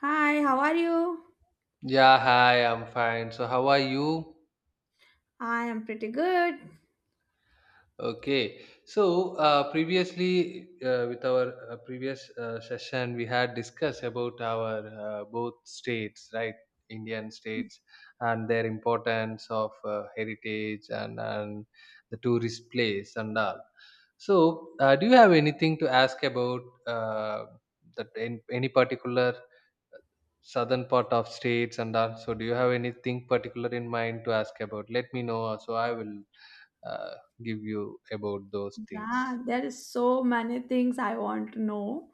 Hi, how are you? Yeah, hi, I'm fine. So, how are you? I am pretty good. Okay. So, previously, with our previous session, we had discussed about our both states, right? Indian states and their importance of heritage and the tourist place and all. So, do you have anything to ask about uh, that in, any particular southern part of states and all. So, do you have anything particular in mind to ask about, let me know, so I will uh, give you about those things. Yeah, there is so many things I want to know.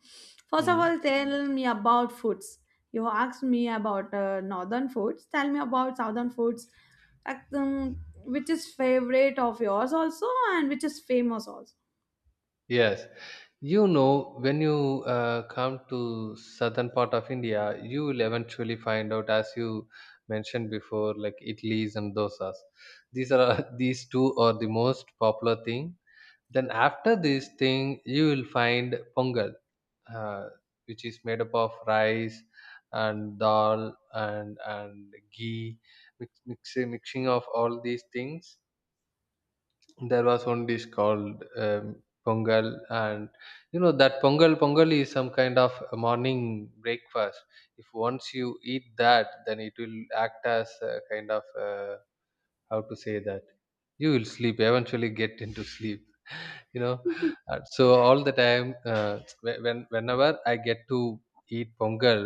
First of Hmm. all, tell me about foods. You asked me about northern foods. Tell me about southern foods. Like, which is favorite of yours also, and which is famous also. Yes, when you come to southern part of India, you will eventually find out, as you mentioned before, like idlis and dosas. These are these two are the most popular thing. Then after this thing, you will find pongal, uh, which is made up of rice and dal and ghee, mixing of all these things. There was one dish called pongal, and you know that pongal is some kind of a morning breakfast. If once you eat that, then it will act as a kind of, how to say that, you will sleep, eventually get into sleep. You know. So all the time, uh, whenever I get to eat pongal.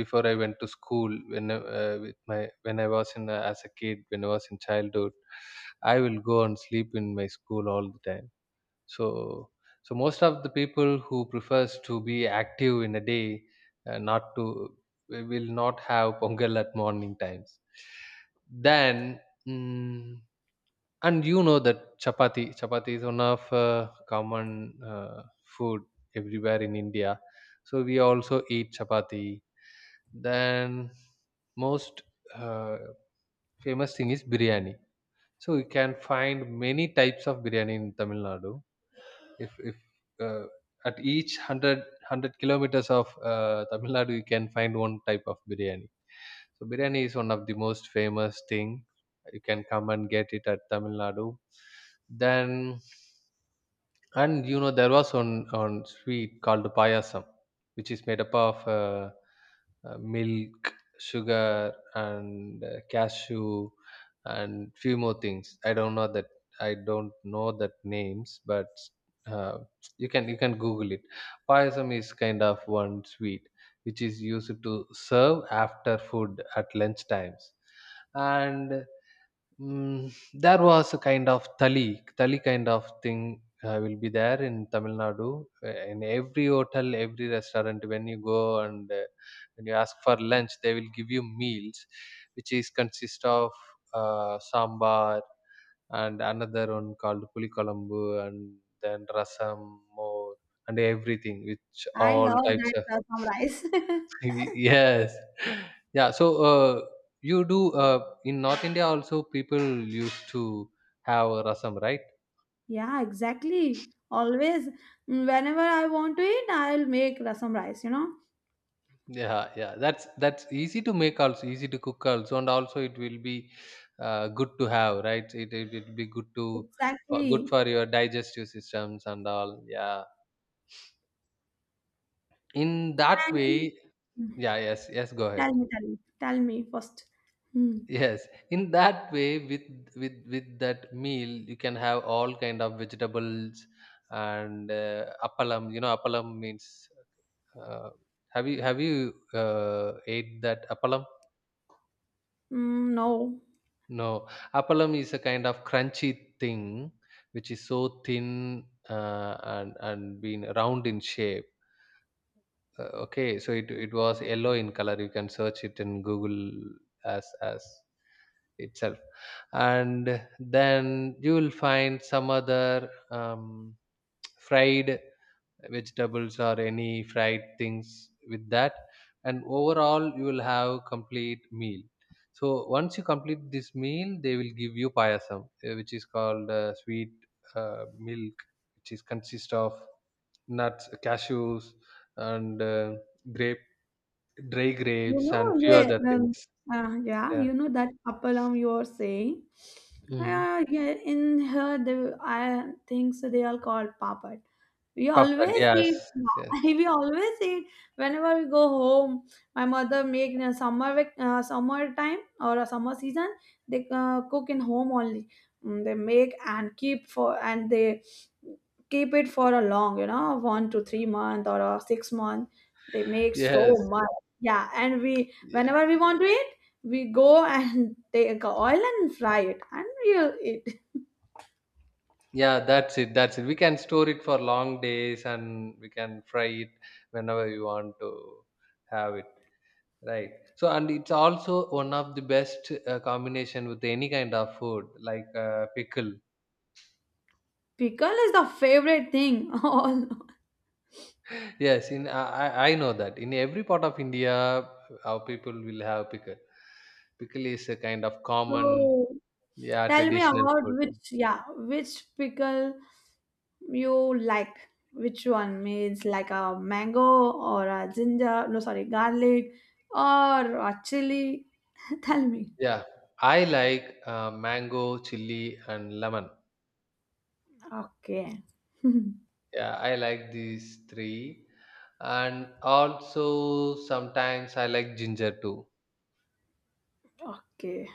Before I went to school, with my when I was in as a kid, when I was in childhood, I will go and sleep in my school all the time. So, so most of the people who prefers to be active in a day, not to, will not have pongal at morning times. Then, mm, and you know that chapati is one of common food everywhere in India. So we also eat chapati. Then, most uh, famous thing is biryani. So you can find many types of biryani in Tamil Nadu. If uh, at each hundred kilometers of Tamil Nadu, you can find one type of biryani. So biryani is one of the most famous thing. You can come and get it at Tamil Nadu. Then, and you know, there was one sweet called payasam, which is made up of milk, sugar, and cashew, and few more things. I don't know that. I don't know that names, but uh, you can Google it. Payasam is kind of one sweet, which is used to serve after food at lunch times, and there was a kind of thali, thali kind of thing will be there in Tamil Nadu. In every hotel, every restaurant, when you go and when you ask for lunch, they will give you meals, which is consist of sambar and another one called pulikalambu, and then rasam more and everything, which I all love types that of rasam rice. yes. Yeah, so, you do, in north India also people used to have a rasam, right? Yeah, exactly. Always, mm, whenever I want to eat, I'll make rasam rice. You know, Yeah, yeah, that's easy to make, also easy to cook also, and also it will be good to have, right? It will be good to, for, good exactly. for your digestive systems and all. Yeah, in that way. And Yeah, yes, yes, go ahead. tell me, tell me, tell me first. Hmm. Yes, in that way, with with that meal, you can have all kind of vegetables and appalam. You know appalam means, uh, have you, ate that appalam? Mm, no. No, appalam is a kind of crunchy thing, which is so thin, and being round in shape, okay. So it was yellow in color, you can search it in Google, as itself, and then you will find some other fried vegetables or any fried things with that, and overall you will have complete meal. So once you complete this meal, they will give you payasam, which is called sweet milk, which is consist of nuts, cashews, and grape dry You grapes, and know, few yeah, other things. Yeah, Yeah. you know that appalam you are saying. Mm. Yeah, in here, they, I think so they are called papad. We Papad. always Yes, eat. yes. We always eat whenever we go home. My mother make in a summer time or a summer season. They cook in home only. Mm, they make and keep for and they keep it for a long, you know, 1 to 3 month or a 6 month. They make Yes. so much. Yeah, and we Yeah. whenever we want to eat, we go and take oil and fry it, and we'll eat. Yeah, that's it. That's it. We can store it for long days, and we can fry it whenever we want to have it. Right. So, and it's also one of the best combination with any kind of food, like pickle. Pickle is the favorite thing. All Yes, in I know that in every part of India, our people will have pickle. Pickle is a kind of common, so yeah, tell me traditional about food. which, yeah, which pickle you like. Which one means like a mango or a ginger? No, sorry, garlic or a chili. Tell me. Yeah, I like mango, chili, and lemon. Okay. Yeah, I like these three, and also sometimes I like ginger too. Okay.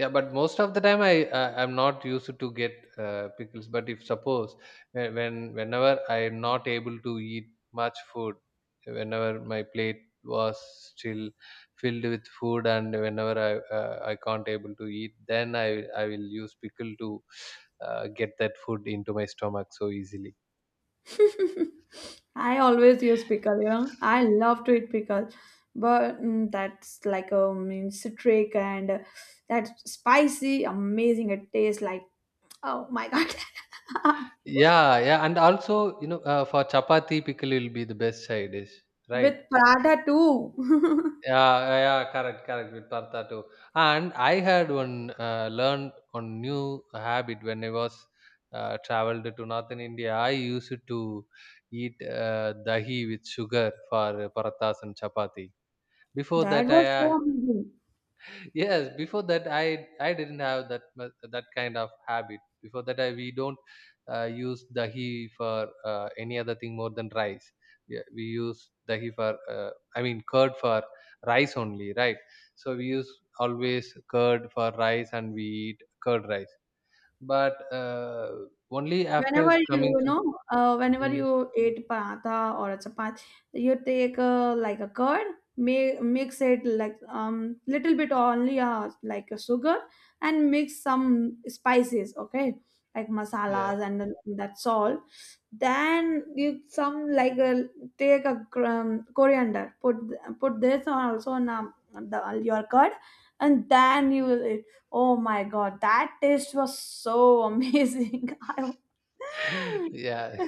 Yeah, but most of the time, I'm not used to get pickles. But if suppose, whenever I'm not able to eat much food, whenever my plate was still filled with food, and whenever I can't able to eat, then I will use pickle to get that food into my stomach so easily. I always use pickle, you know. I love to eat pickle, but mm, that's like a mean citric and that's spicy, amazing. It tastes like oh my god. Yeah, yeah, and also, for chapati, pickle will be the best side dish, right? With paratha too. Yeah, yeah, yeah, correct, correct with paratha too. And I had one learned one new habit when I was traveled to northern India. I used to eat dahi with sugar for parathas and chapati. Before That that, was so I— amazing. yes, before that, I didn't have that kind of habit. Before that, we don't use dahi for any other thing more than rice. Yeah, we use dahi for, I mean curd for rice only, right? So we use always curd for rice, and we eat curd rice. But only after Whenever coming you to— know, whenever Mm, you eat paratha or a chapati, you take like a curd, mix it like little bit only like a sugar and mix some spices, okay, like yeah. masalas and that's all. Then you some like a, take a coriander, put this on also on the, your curd, and then you will eat. Oh my god, that taste was so amazing. I, Yeah.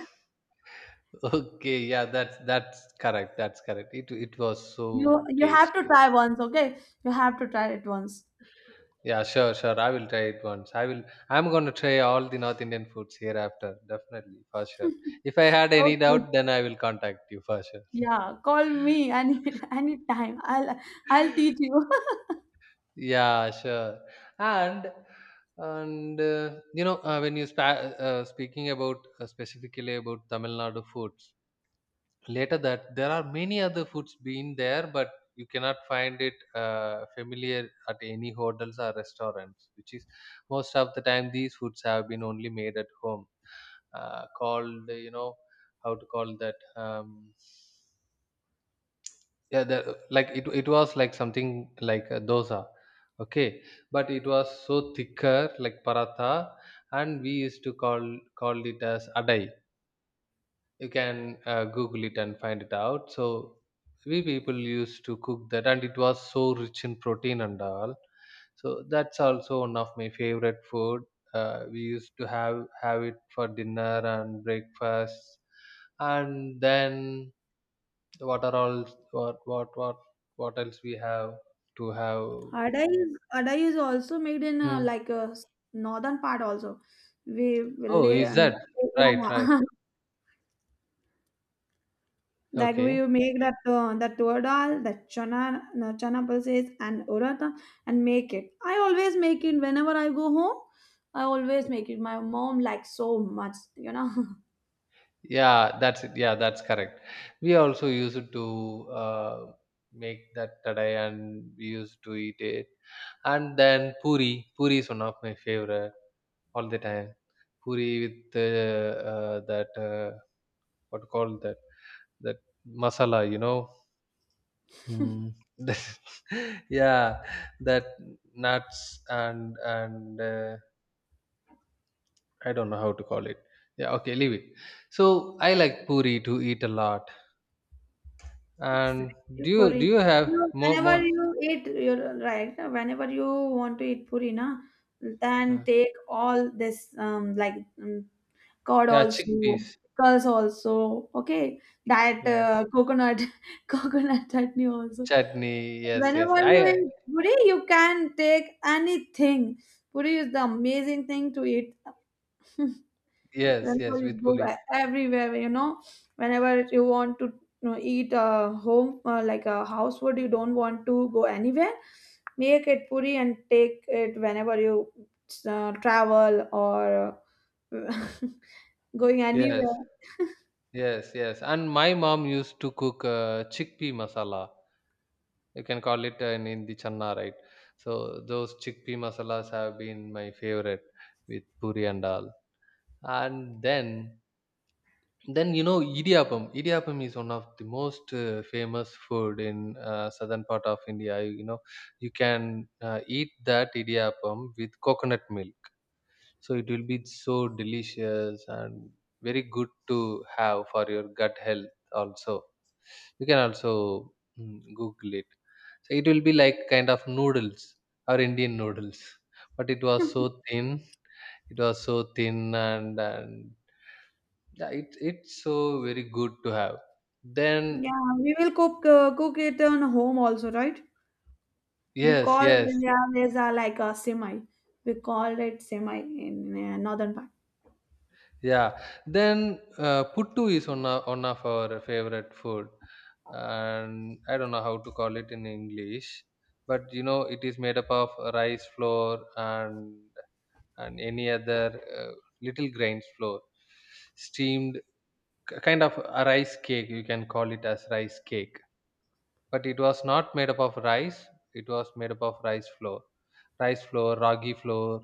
Okay, yeah, that's correct, that's correct, it was you so you have to tasty. try once, okay? You have to try it once. Yeah, sure, sure. I will try it once. I will. I'm going to try all the North Indian foods hereafter. Definitely, for sure. If I had any Okay. doubt, then I will contact you for sure. Yeah, call me any anytime. I'll teach you. Yeah, sure. And and when you speaking about specifically about Tamil Nadu foods. Later that there are many other foods being there, but you cannot find it familiar at any hotels or restaurants, which is most of the time these foods have been only made at home, called, you know, how to call that, yeah, like it was like something like a dosa, okay, but it was so thicker, like paratha, and we used to call, called it as adai. You can Google it and find it out. So we people used to cook that, and it was so rich in protein and all. So that's also one of my favorite food. We used to have it for dinner and breakfast. And then, what are all what what what what else we have to have. Ada is also made in Mm. like a s- northern part also. We will Oh, lay is and that yeah, right? Right. yeah. Like we Okay, make that that tur dal, that chana pulses and urata and make it. I always make it whenever I go home. I always make it. My mom likes so much, you know. yeah, that's it. Yeah, that's correct. We also used to make that today, and we used to eat it. And then, puri. Puri is one of my favorite all the time. Puri with that what called that masala, you know. Mm. Yeah, that nuts and I don't know how to call it. Yeah, okay, leave it. So I like puri to eat a lot. And Exactly. do you do Puri. you have You, more whenever more? you eat, you're right. Whenever you want to eat puri, na, then uh, take all this like um, curd yeah, also, chickpeas. pickles also. Okay, that Yeah, coconut, coconut chutney also. chutney. Yes, yes. Whenever you I— eat puri, you can take anything. Puri is the amazing thing to eat. yes, yes, Whenever you with go puri. e- everywhere, you know, whenever you want to, you know, eat a home like a house food, you don't want to go anywhere. Make it puri and take it whenever you travel or uh, going Yes. anywhere. Yes, yes. And my mom used to cook chickpea masala. You can call it in Hindi channa, right? So those chickpea masalas have been my favorite with puri and dal. And then you know, idiyappam. Idiyappam is one of the most famous food in southern part of India. You know, you can eat that idiyappam with coconut milk. So it will be so delicious and very good to have for your gut health also. You can also Google it. So it will be like kind of noodles, or Indian noodles, but it was so thin. It was so thin, and yeah, it's so very good to have. Then, Yeah, we will cook it on home also, right? We yes, call, yes, yeah, there's a like a semi. We call it semi in northern part. yeah. Then puttu is one of our favorite food, and I don't know how to call it in English. But you know it is made up of rice flour and and any other uh, little grains flour, steamed, kind of a rice cake. You can call it as rice cake, but it was not made up of rice. It was made up of rice flour, ragi flour,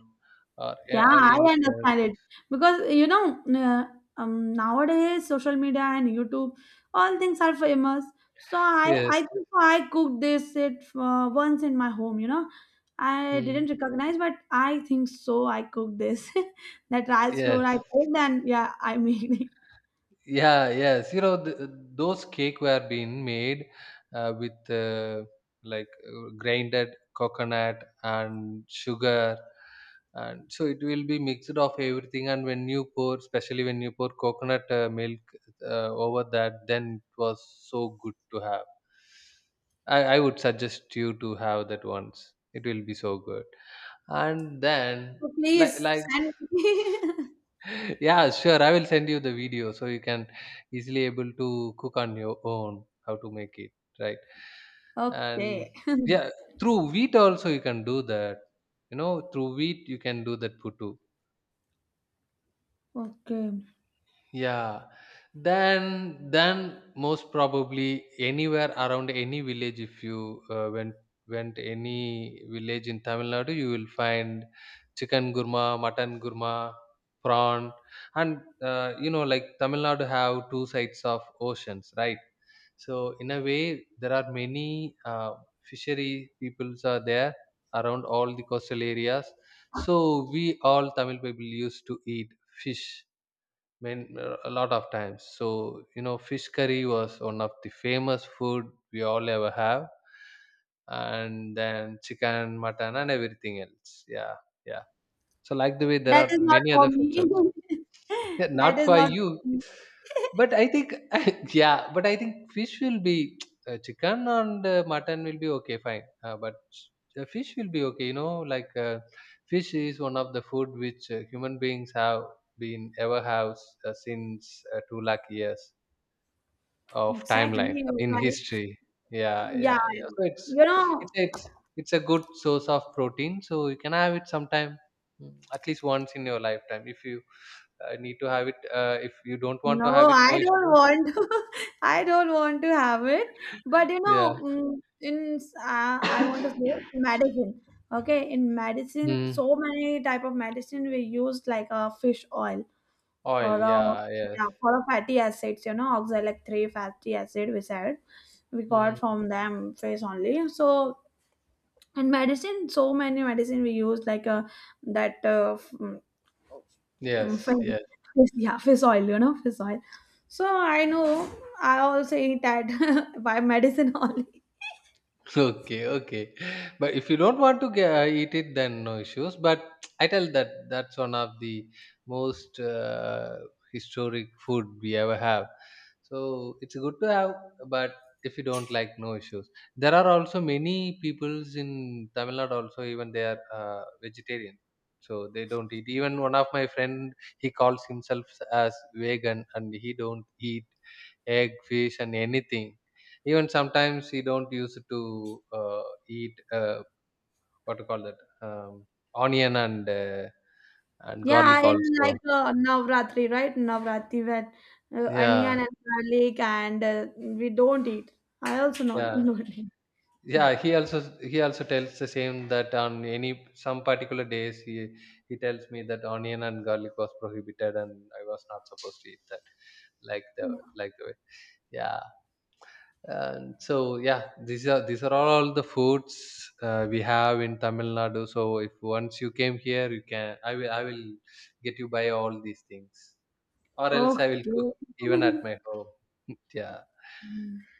or, Yeah, or I anything else. understand it because you know nowadays social media and YouTube, all things are famous. So I Yes. I think so I cooked this it once in my home. You know, I didn't Mm. recognize, but I think so. I cooked this that rice Yes. flour I made, and yeah, I made it. Yeah, yes. You know, th those cake were being made with like grinded coconut and sugar, and so it will be mixed of everything. And when you pour, especially when you pour coconut milk over that, then it was so good to have. I would suggest you to have that once. It will be so good. And then, So please like like send me. yeah, sure, I will send you the video so you can easily able to cook on your own how to make it, right. And Okay. yeah, through wheat also you can do that, you know, through wheat you can do that puttu. Okay, Yeah, then most probably anywhere around any village, if you went any village in Tamil Nadu, you will find chicken gurma, mutton gurma, prawn, and you know, like Tamil Nadu have two sides of oceans, right? So in a way, there are many fishery peoples are there around all the coastal areas. So we all Tamil people used to eat fish men, a lot of times. So you know, fish curry was one of the famous food we all ever have, and then chicken, mutton, and everything else. Yeah, yeah. So like the way there that are is not many for other foods. me. Yeah, That not is for not you. for me. But I think, yeah, but I think fish will be, chicken and mutton will be okay, fine. But fish will be okay, you know, fish is one of the food which human beings have been ever have since 2 lakh years of Exactly. timeline You're in right. history. Yeah, Yeah, yeah, yeah. So it's, you know, it's, it's, it's a good source of protein. So you can have it sometime, at least once in your lifetime if you need to have it. If you don't want no, to have it, no I don't issue. want to. I don't want to have it. But you know, Yeah. mm, in I want to say in medicine. Okay, in medicine, Hmm. so many type of medicine we use like a fish oil for Oil. a, Yeah. Yes. yeah, for a fatty acids. You know, oxalic three fatty acid we said we got Hmm. from them face only. So in medicine, so many medicine we use like a that uh, f- mm, Yes. Yes. Yeah, fish oil, you know, fish oil. So I know I also eat that by medicine only. Okay, okay. But if you don't want to get, eat it, then no issues. But I tell that that's one of the most historic food we ever have. So it's good to have, but if you don't like, no issues. There are also many peoples in Tamil Nadu also, even they are vegetarian. So they don't eat. Even one of my friend, he calls himself as vegan and he don't eat egg, fish and anything, even sometimes he don't use it to eat what to call that um, onion and Yeah, garlic in like also. Navratri, right? Navratri, when onion Yeah, and garlic and we don't eat. I also not yeah, not eat. Yeah. yeah. He also tells the same that on any some particular days he tells me that onion and garlic was prohibited and I was not supposed to eat that, like the like the way. Yeah. And so yeah, these are all the foods we have in Tamil Nadu, so if once you came here you can, I will get you buy all these things, or else I will cook Okay. even at my home. Yeah,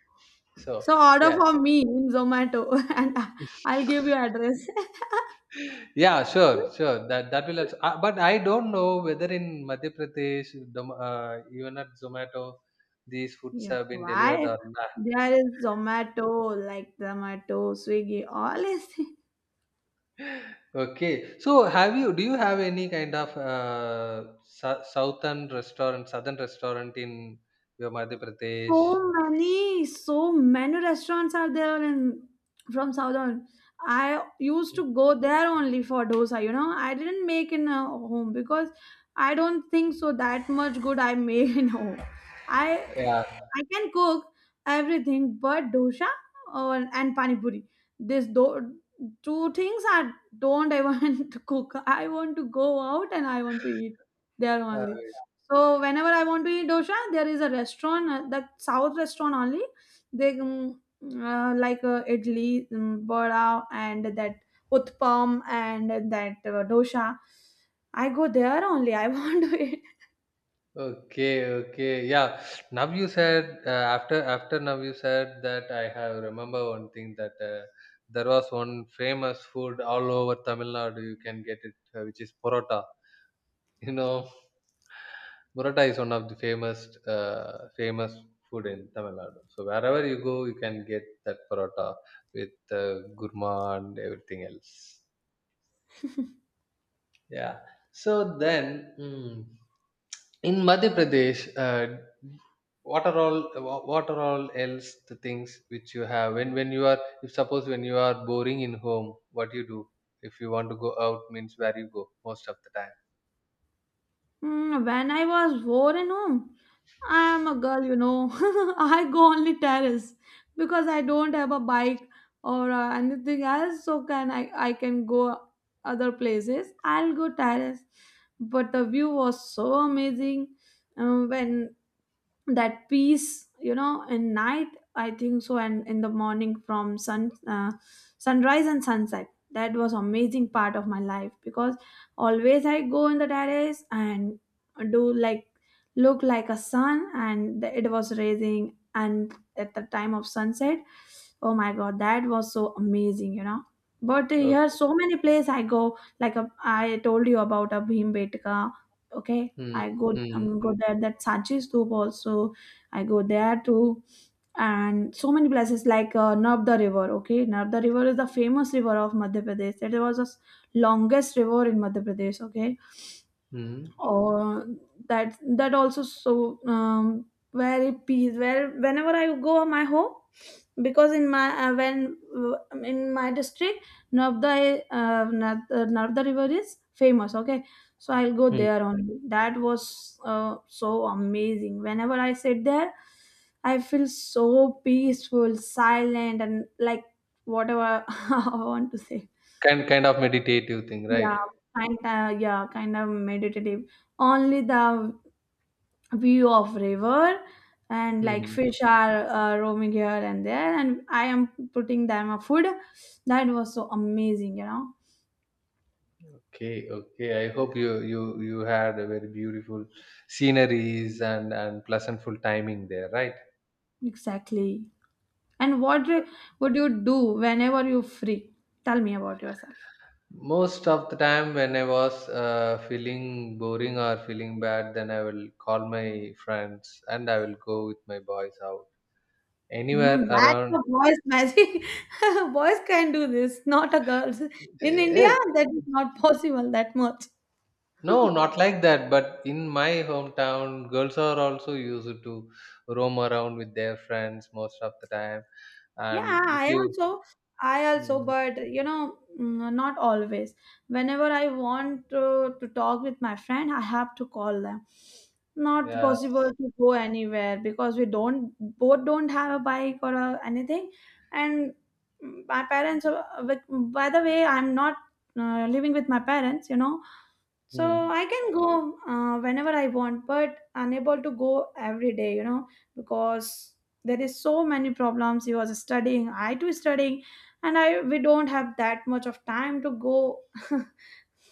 so So order yeah, for me in Zomato and I- I'll give you address. yeah sure that that will also, but I don't know whether in Madhya Pradesh Dom- uh, even at Zomato these foods Yeah, have been delivered why? or not. There is Zomato, like Zomato, Swiggy, all is Okay. So have you, do you have any kind of southern restaurant in your Madhya Pradesh? so many, so many restaurants are there in from southern. I used to go there only for dosa. You know, I didn't make in home because I don't think so that much good I made in home. I Yeah. I can cook everything but dosha or and pani puri. This do, two things I don't, I want to cook. I want to go out and I want to eat there Uh, only. So whenever I want to eat dosha, there is a restaurant, that South restaurant only. They like idli, vada, and that utpam and that dosha. I go there only. I want to eat. okay. Okay. Yeah. Now you said after now you said that I have remember one thing that there was one famous food all over Tamil Nadu. You can get it, which is porota. You know. Burrata is one of the famous food in Tamil Nadu. So wherever you go, you can get that burrata with gurma and everything else. Yeah. So then, mm, in Madhya Pradesh, what are all what are all else the things which you have when you are, if suppose when you are boring in home, what you do if you want to go out means where you go most of the time. Hmm, when I was four and home, I am a girl, you know. I go only terrace because I don't have a bike or anything else. So can I? I can go other places. I'll go terrace, but the view was so amazing. When that peace you know in night, I think so, and in the morning from sunrise and sunset, that was amazing part of my life because always I go in the terrace and do like look like a sun and it was raising, and at the time of sunset, oh my god, that was so amazing, you know. But here Okay. so many places I go like a, I told you about a bhimbetka, okay, Hmm. I go Hmm. Go there. That Sanchi Stup also, I go there too, and so many places like Narmada River. Okay, Narmada River is the famous river of Madhya Pradesh. It was the s- longest river in Madhya Pradesh. Okay, Hmm. or that, that also so very peace where whenever I go my home because in my when in my district Navda river is famous, okay. So I'll go Hmm. there only. That was so amazing whenever I sit there. I feel so peaceful, silent, and like whatever I want to say. Kind of meditative thing, right? Yeah, kind of, yeah, kind of meditative. Only the view of river and like Hmm. fish are roaming here and there and I am putting them a food. That was so amazing, you know. Okay, okay. I hope you had a very beautiful sceneries and pleasantful timing there, right? Exactly. And what re- would you do whenever you free? Tell me about yourself. Most of the time when I was feeling boring or feeling bad, then I will call my friends and I will go with my boys out Mm, anywhere that's around. a boy's magic. Boys can do this, not a girls in Eh, India. eh, That is not possible that much. No, not like that. But in my hometown, girls are also used to roam around with their friends most of the time. Yeah, And if you, I also, mm, but you know, mm, not always. Whenever I want to talk with my friend, I have to call them. Not yeah, possible to go anywhere because we don't both don't have a bike or a, anything. And mm, my parents, with, by the way, I'm not living with my parents. You know, so hmm. I can go whenever I want, but unable to go every day, you know, because there is so many problems. He was studying, I too studying, and I we don't have that much of time to go.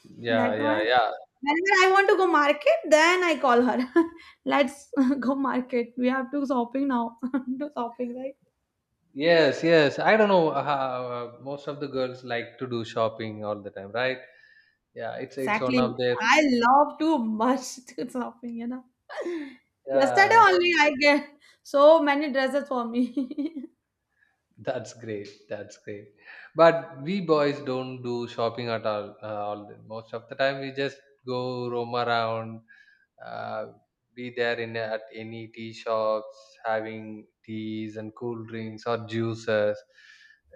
Yeah, That yeah, one. yeah. Whenever I want to go market, then I call her. Let's go market. We have to shopping now. Do shopping, right? Yes, yes. I don't know how most of the girls like to do shopping all the time, right? Yeah, it's one Exactly. of their, I love too much to shopping, you know. Yesterday yeah. only I get so many dresses for me. That's great. That's great. But we boys don't do shopping at all. Most of the time, we just go roam around, uh, be there in at any tea shops having teas and cool drinks or juices.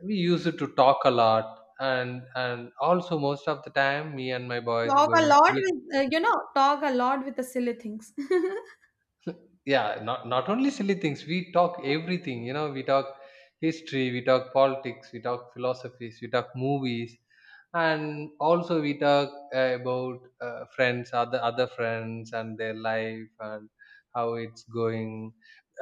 We used to talk a lot, and also most of the time me and my boys Talk a going, lot with, you know, talk a lot with the silly things. yeah, not not only silly things, we talk everything, you know, we talk history, we talk politics, we talk philosophies, we talk movies, and also we talk about friends, other friends and their life and how it's going.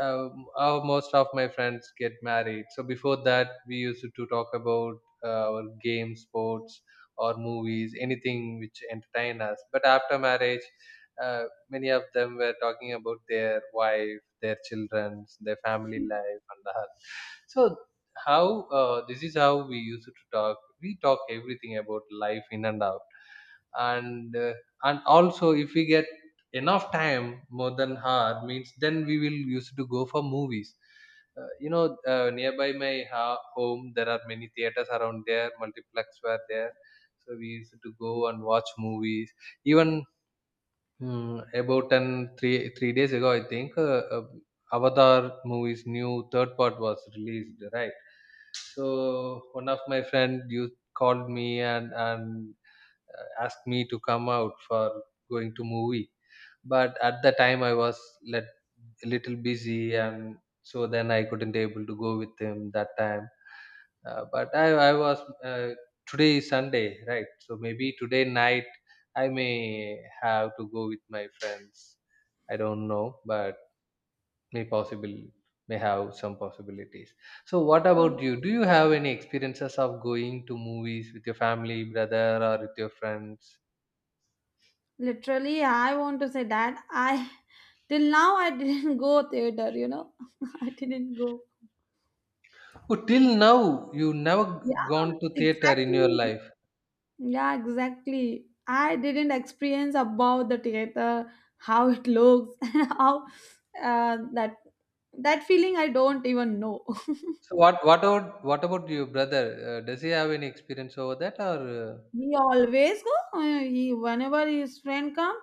Most of my friends get married, so before that we used to talk about our game, sports, or movies, anything which entertain us. But after marriage, uh, many of them were talking about their wife, their children, their family life and the health. So how, this is how we used to talk. We talk everything about life, in and out. And and also if we get enough time, more than hour means, then we will used to go for movies, you know. Nearby home there are many theaters around there, multiplex were there. So we used to go and watch movies even. Hmm, about an three days ago, I think Avatar movie's new third part was released, right? So one of my friend you called me and asked me to come out for going to movie. But at the time, I was let, a little busy, and so then I couldn't able to go with him that time. But I was today is Sunday, right? So maybe today night I may have to go with my friends. I don't know, but may possible, may have some possibilities. So what So, about you? Do you have any experiences of going to movies with your family, brother, or with your friends? literally, I want to say that I, till now, I didn't go theater, you know, I didn't go. Oh, till now you never Yeah, gone to theater in your exactly. life. Yeah, exactly. I didn't experience about the theater, how it looks, and how uh, that that feeling I don't even know. So what about what about your brother? Does he have any experience over that or? He always go. He whenever his friend come,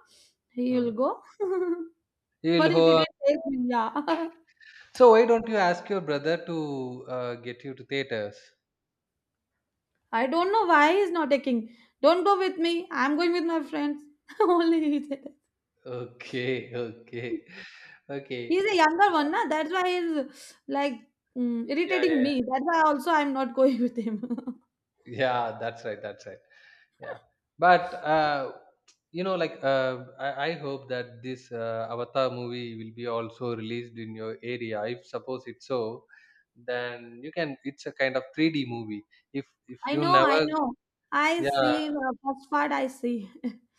He will Mm. go. But He'll he ho. didn't take me. Yeah. So why don't you ask your brother to get you to theaters? I don't know why he's not taking. Don't go with me. I'm going with my friends. Only he said that. Okay, okay, okay. He's a younger one, na? That's why he's like mm, Yeah, yeah, irritating yeah. me. That's why also I'm not going with him. Yeah, that's right. That's right. Yeah, but you know, like I hope that this Avatar movie will be also released in your area. If suppose it's so, then you can. It's a kind of 3D movie. If I you know, I never, know. I yeah, see the first part I see.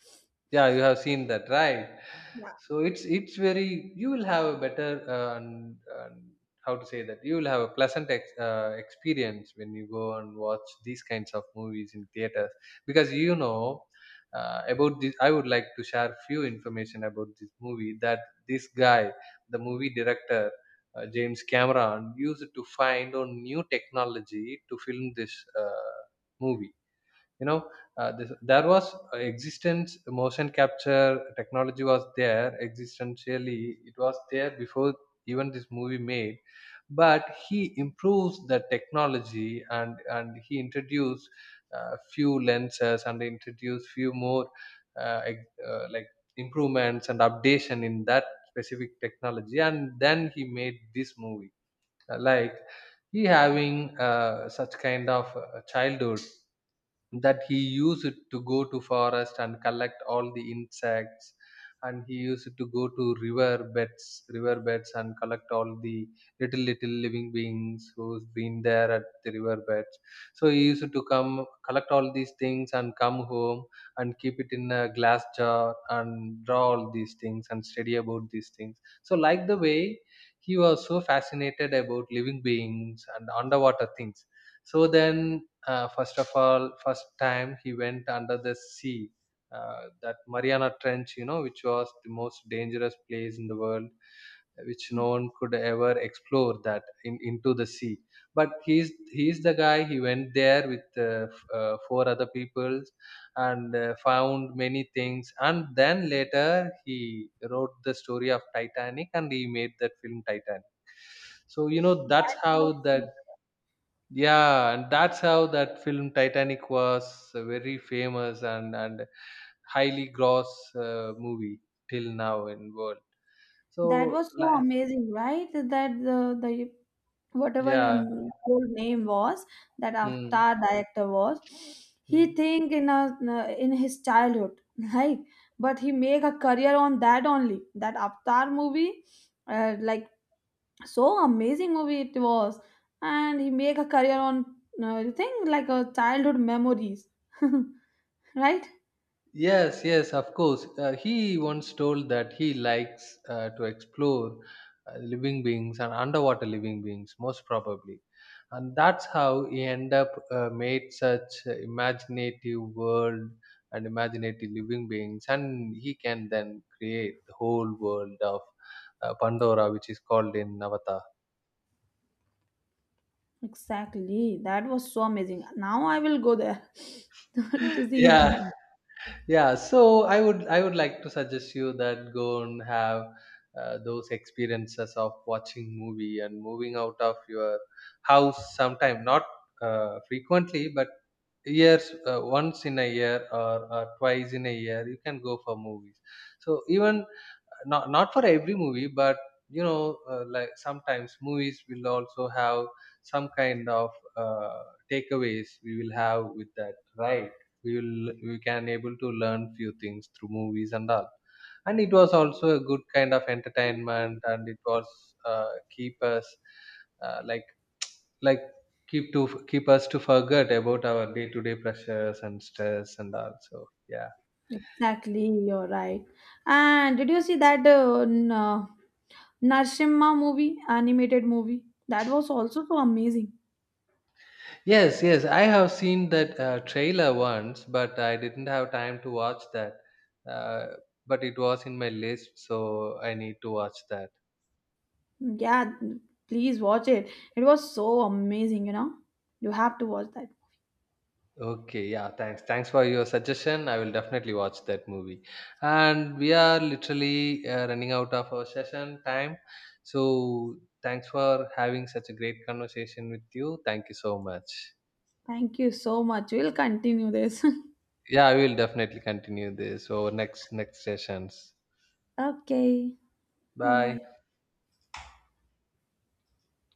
yeah, you have seen that, right? Yeah. So it's very, you will have a better uh, and, and how to say that, you will have a pleasant experience when you go and watch these kinds of movies in theaters, because you know, about this I would like to share few information about this movie, that this guy, the movie director, James Cameron used to find on new technology to film this movie, you know. Uh, there was existence motion capture technology was there, existentially it was there before even this movie made, but he improves the technology and he introduced few lenses and introduced few more like improvements and updation in that specific technology, and then he made this movie. Like he having such kind of childhood that he used to go to forest and collect all the insects, and he used to go to river beds and collect all the little little living beings who's been there at the river beds. So he used to come collect all these things and come home and keep it in a glass jar and draw all these things and study about these things. So like the way, he was so fascinated about living beings and underwater things. So then, first of all first time he went under the sea, that Mariana Trench, you know, which was the most dangerous place in the world, which no one could ever explore that in, into the sea. But he's the guy, he went there with four other people and found many things, and then later he wrote the story of Titanic and he made that film Titanic. So you know, that's how that, yeah, and that's how that film Titanic was a very famous and highly gross movie till now in world. That So was so like, amazing, right? That the whatever your yeah, n- old name was, that mm, avatar director was, he think in a, in his childhood like, but he make a career on that only, that avatar movie, like so amazing movie it was. And he make a career on you think like a childhood memories, right. yes, yes, of course. He once told that he likes to explore living beings and underwater living beings, most probably. And that's how he end up made such imaginative world and imaginative living beings. And he can then create the whole world of Pandora, which is called in Navata. Exactly, that was so amazing. Now I will go there to see Yeah, him. yeah, so I would like to suggest you that go and have those experiences of watching movie and moving out of your house sometime, not frequently, but years, once in a year or twice in a year you can go for movies. So even, not not for every movie, but you know, like sometimes movies will also have some kind of uh, takeaways we will have with that, right? We will, we can able to learn few things through movies and all, and it was also a good kind of entertainment, and it was uh, keep us uh, like like keep to keep us to forget about our day to day pressures and stress and all. So yeah, Exactly, you're right. And did you see that Narsimha movie, animated movie? That was also so amazing. yes, yes, I have seen that trailer once, but I didn't have time to watch that. Uh, but it was in my list, so I need to watch that. Yeah, please watch it. It was so amazing, you know. You have to watch that. Okay, yeah, thanks. Thanks for your suggestion. I will definitely watch that movie. And we are literally running out of our session time. So thanks for having such a great conversation with you. Thank you so much. Thank you so much. We'll continue this. Yeah, I will definitely continue this over next sessions. Okay, bye Bye. bye.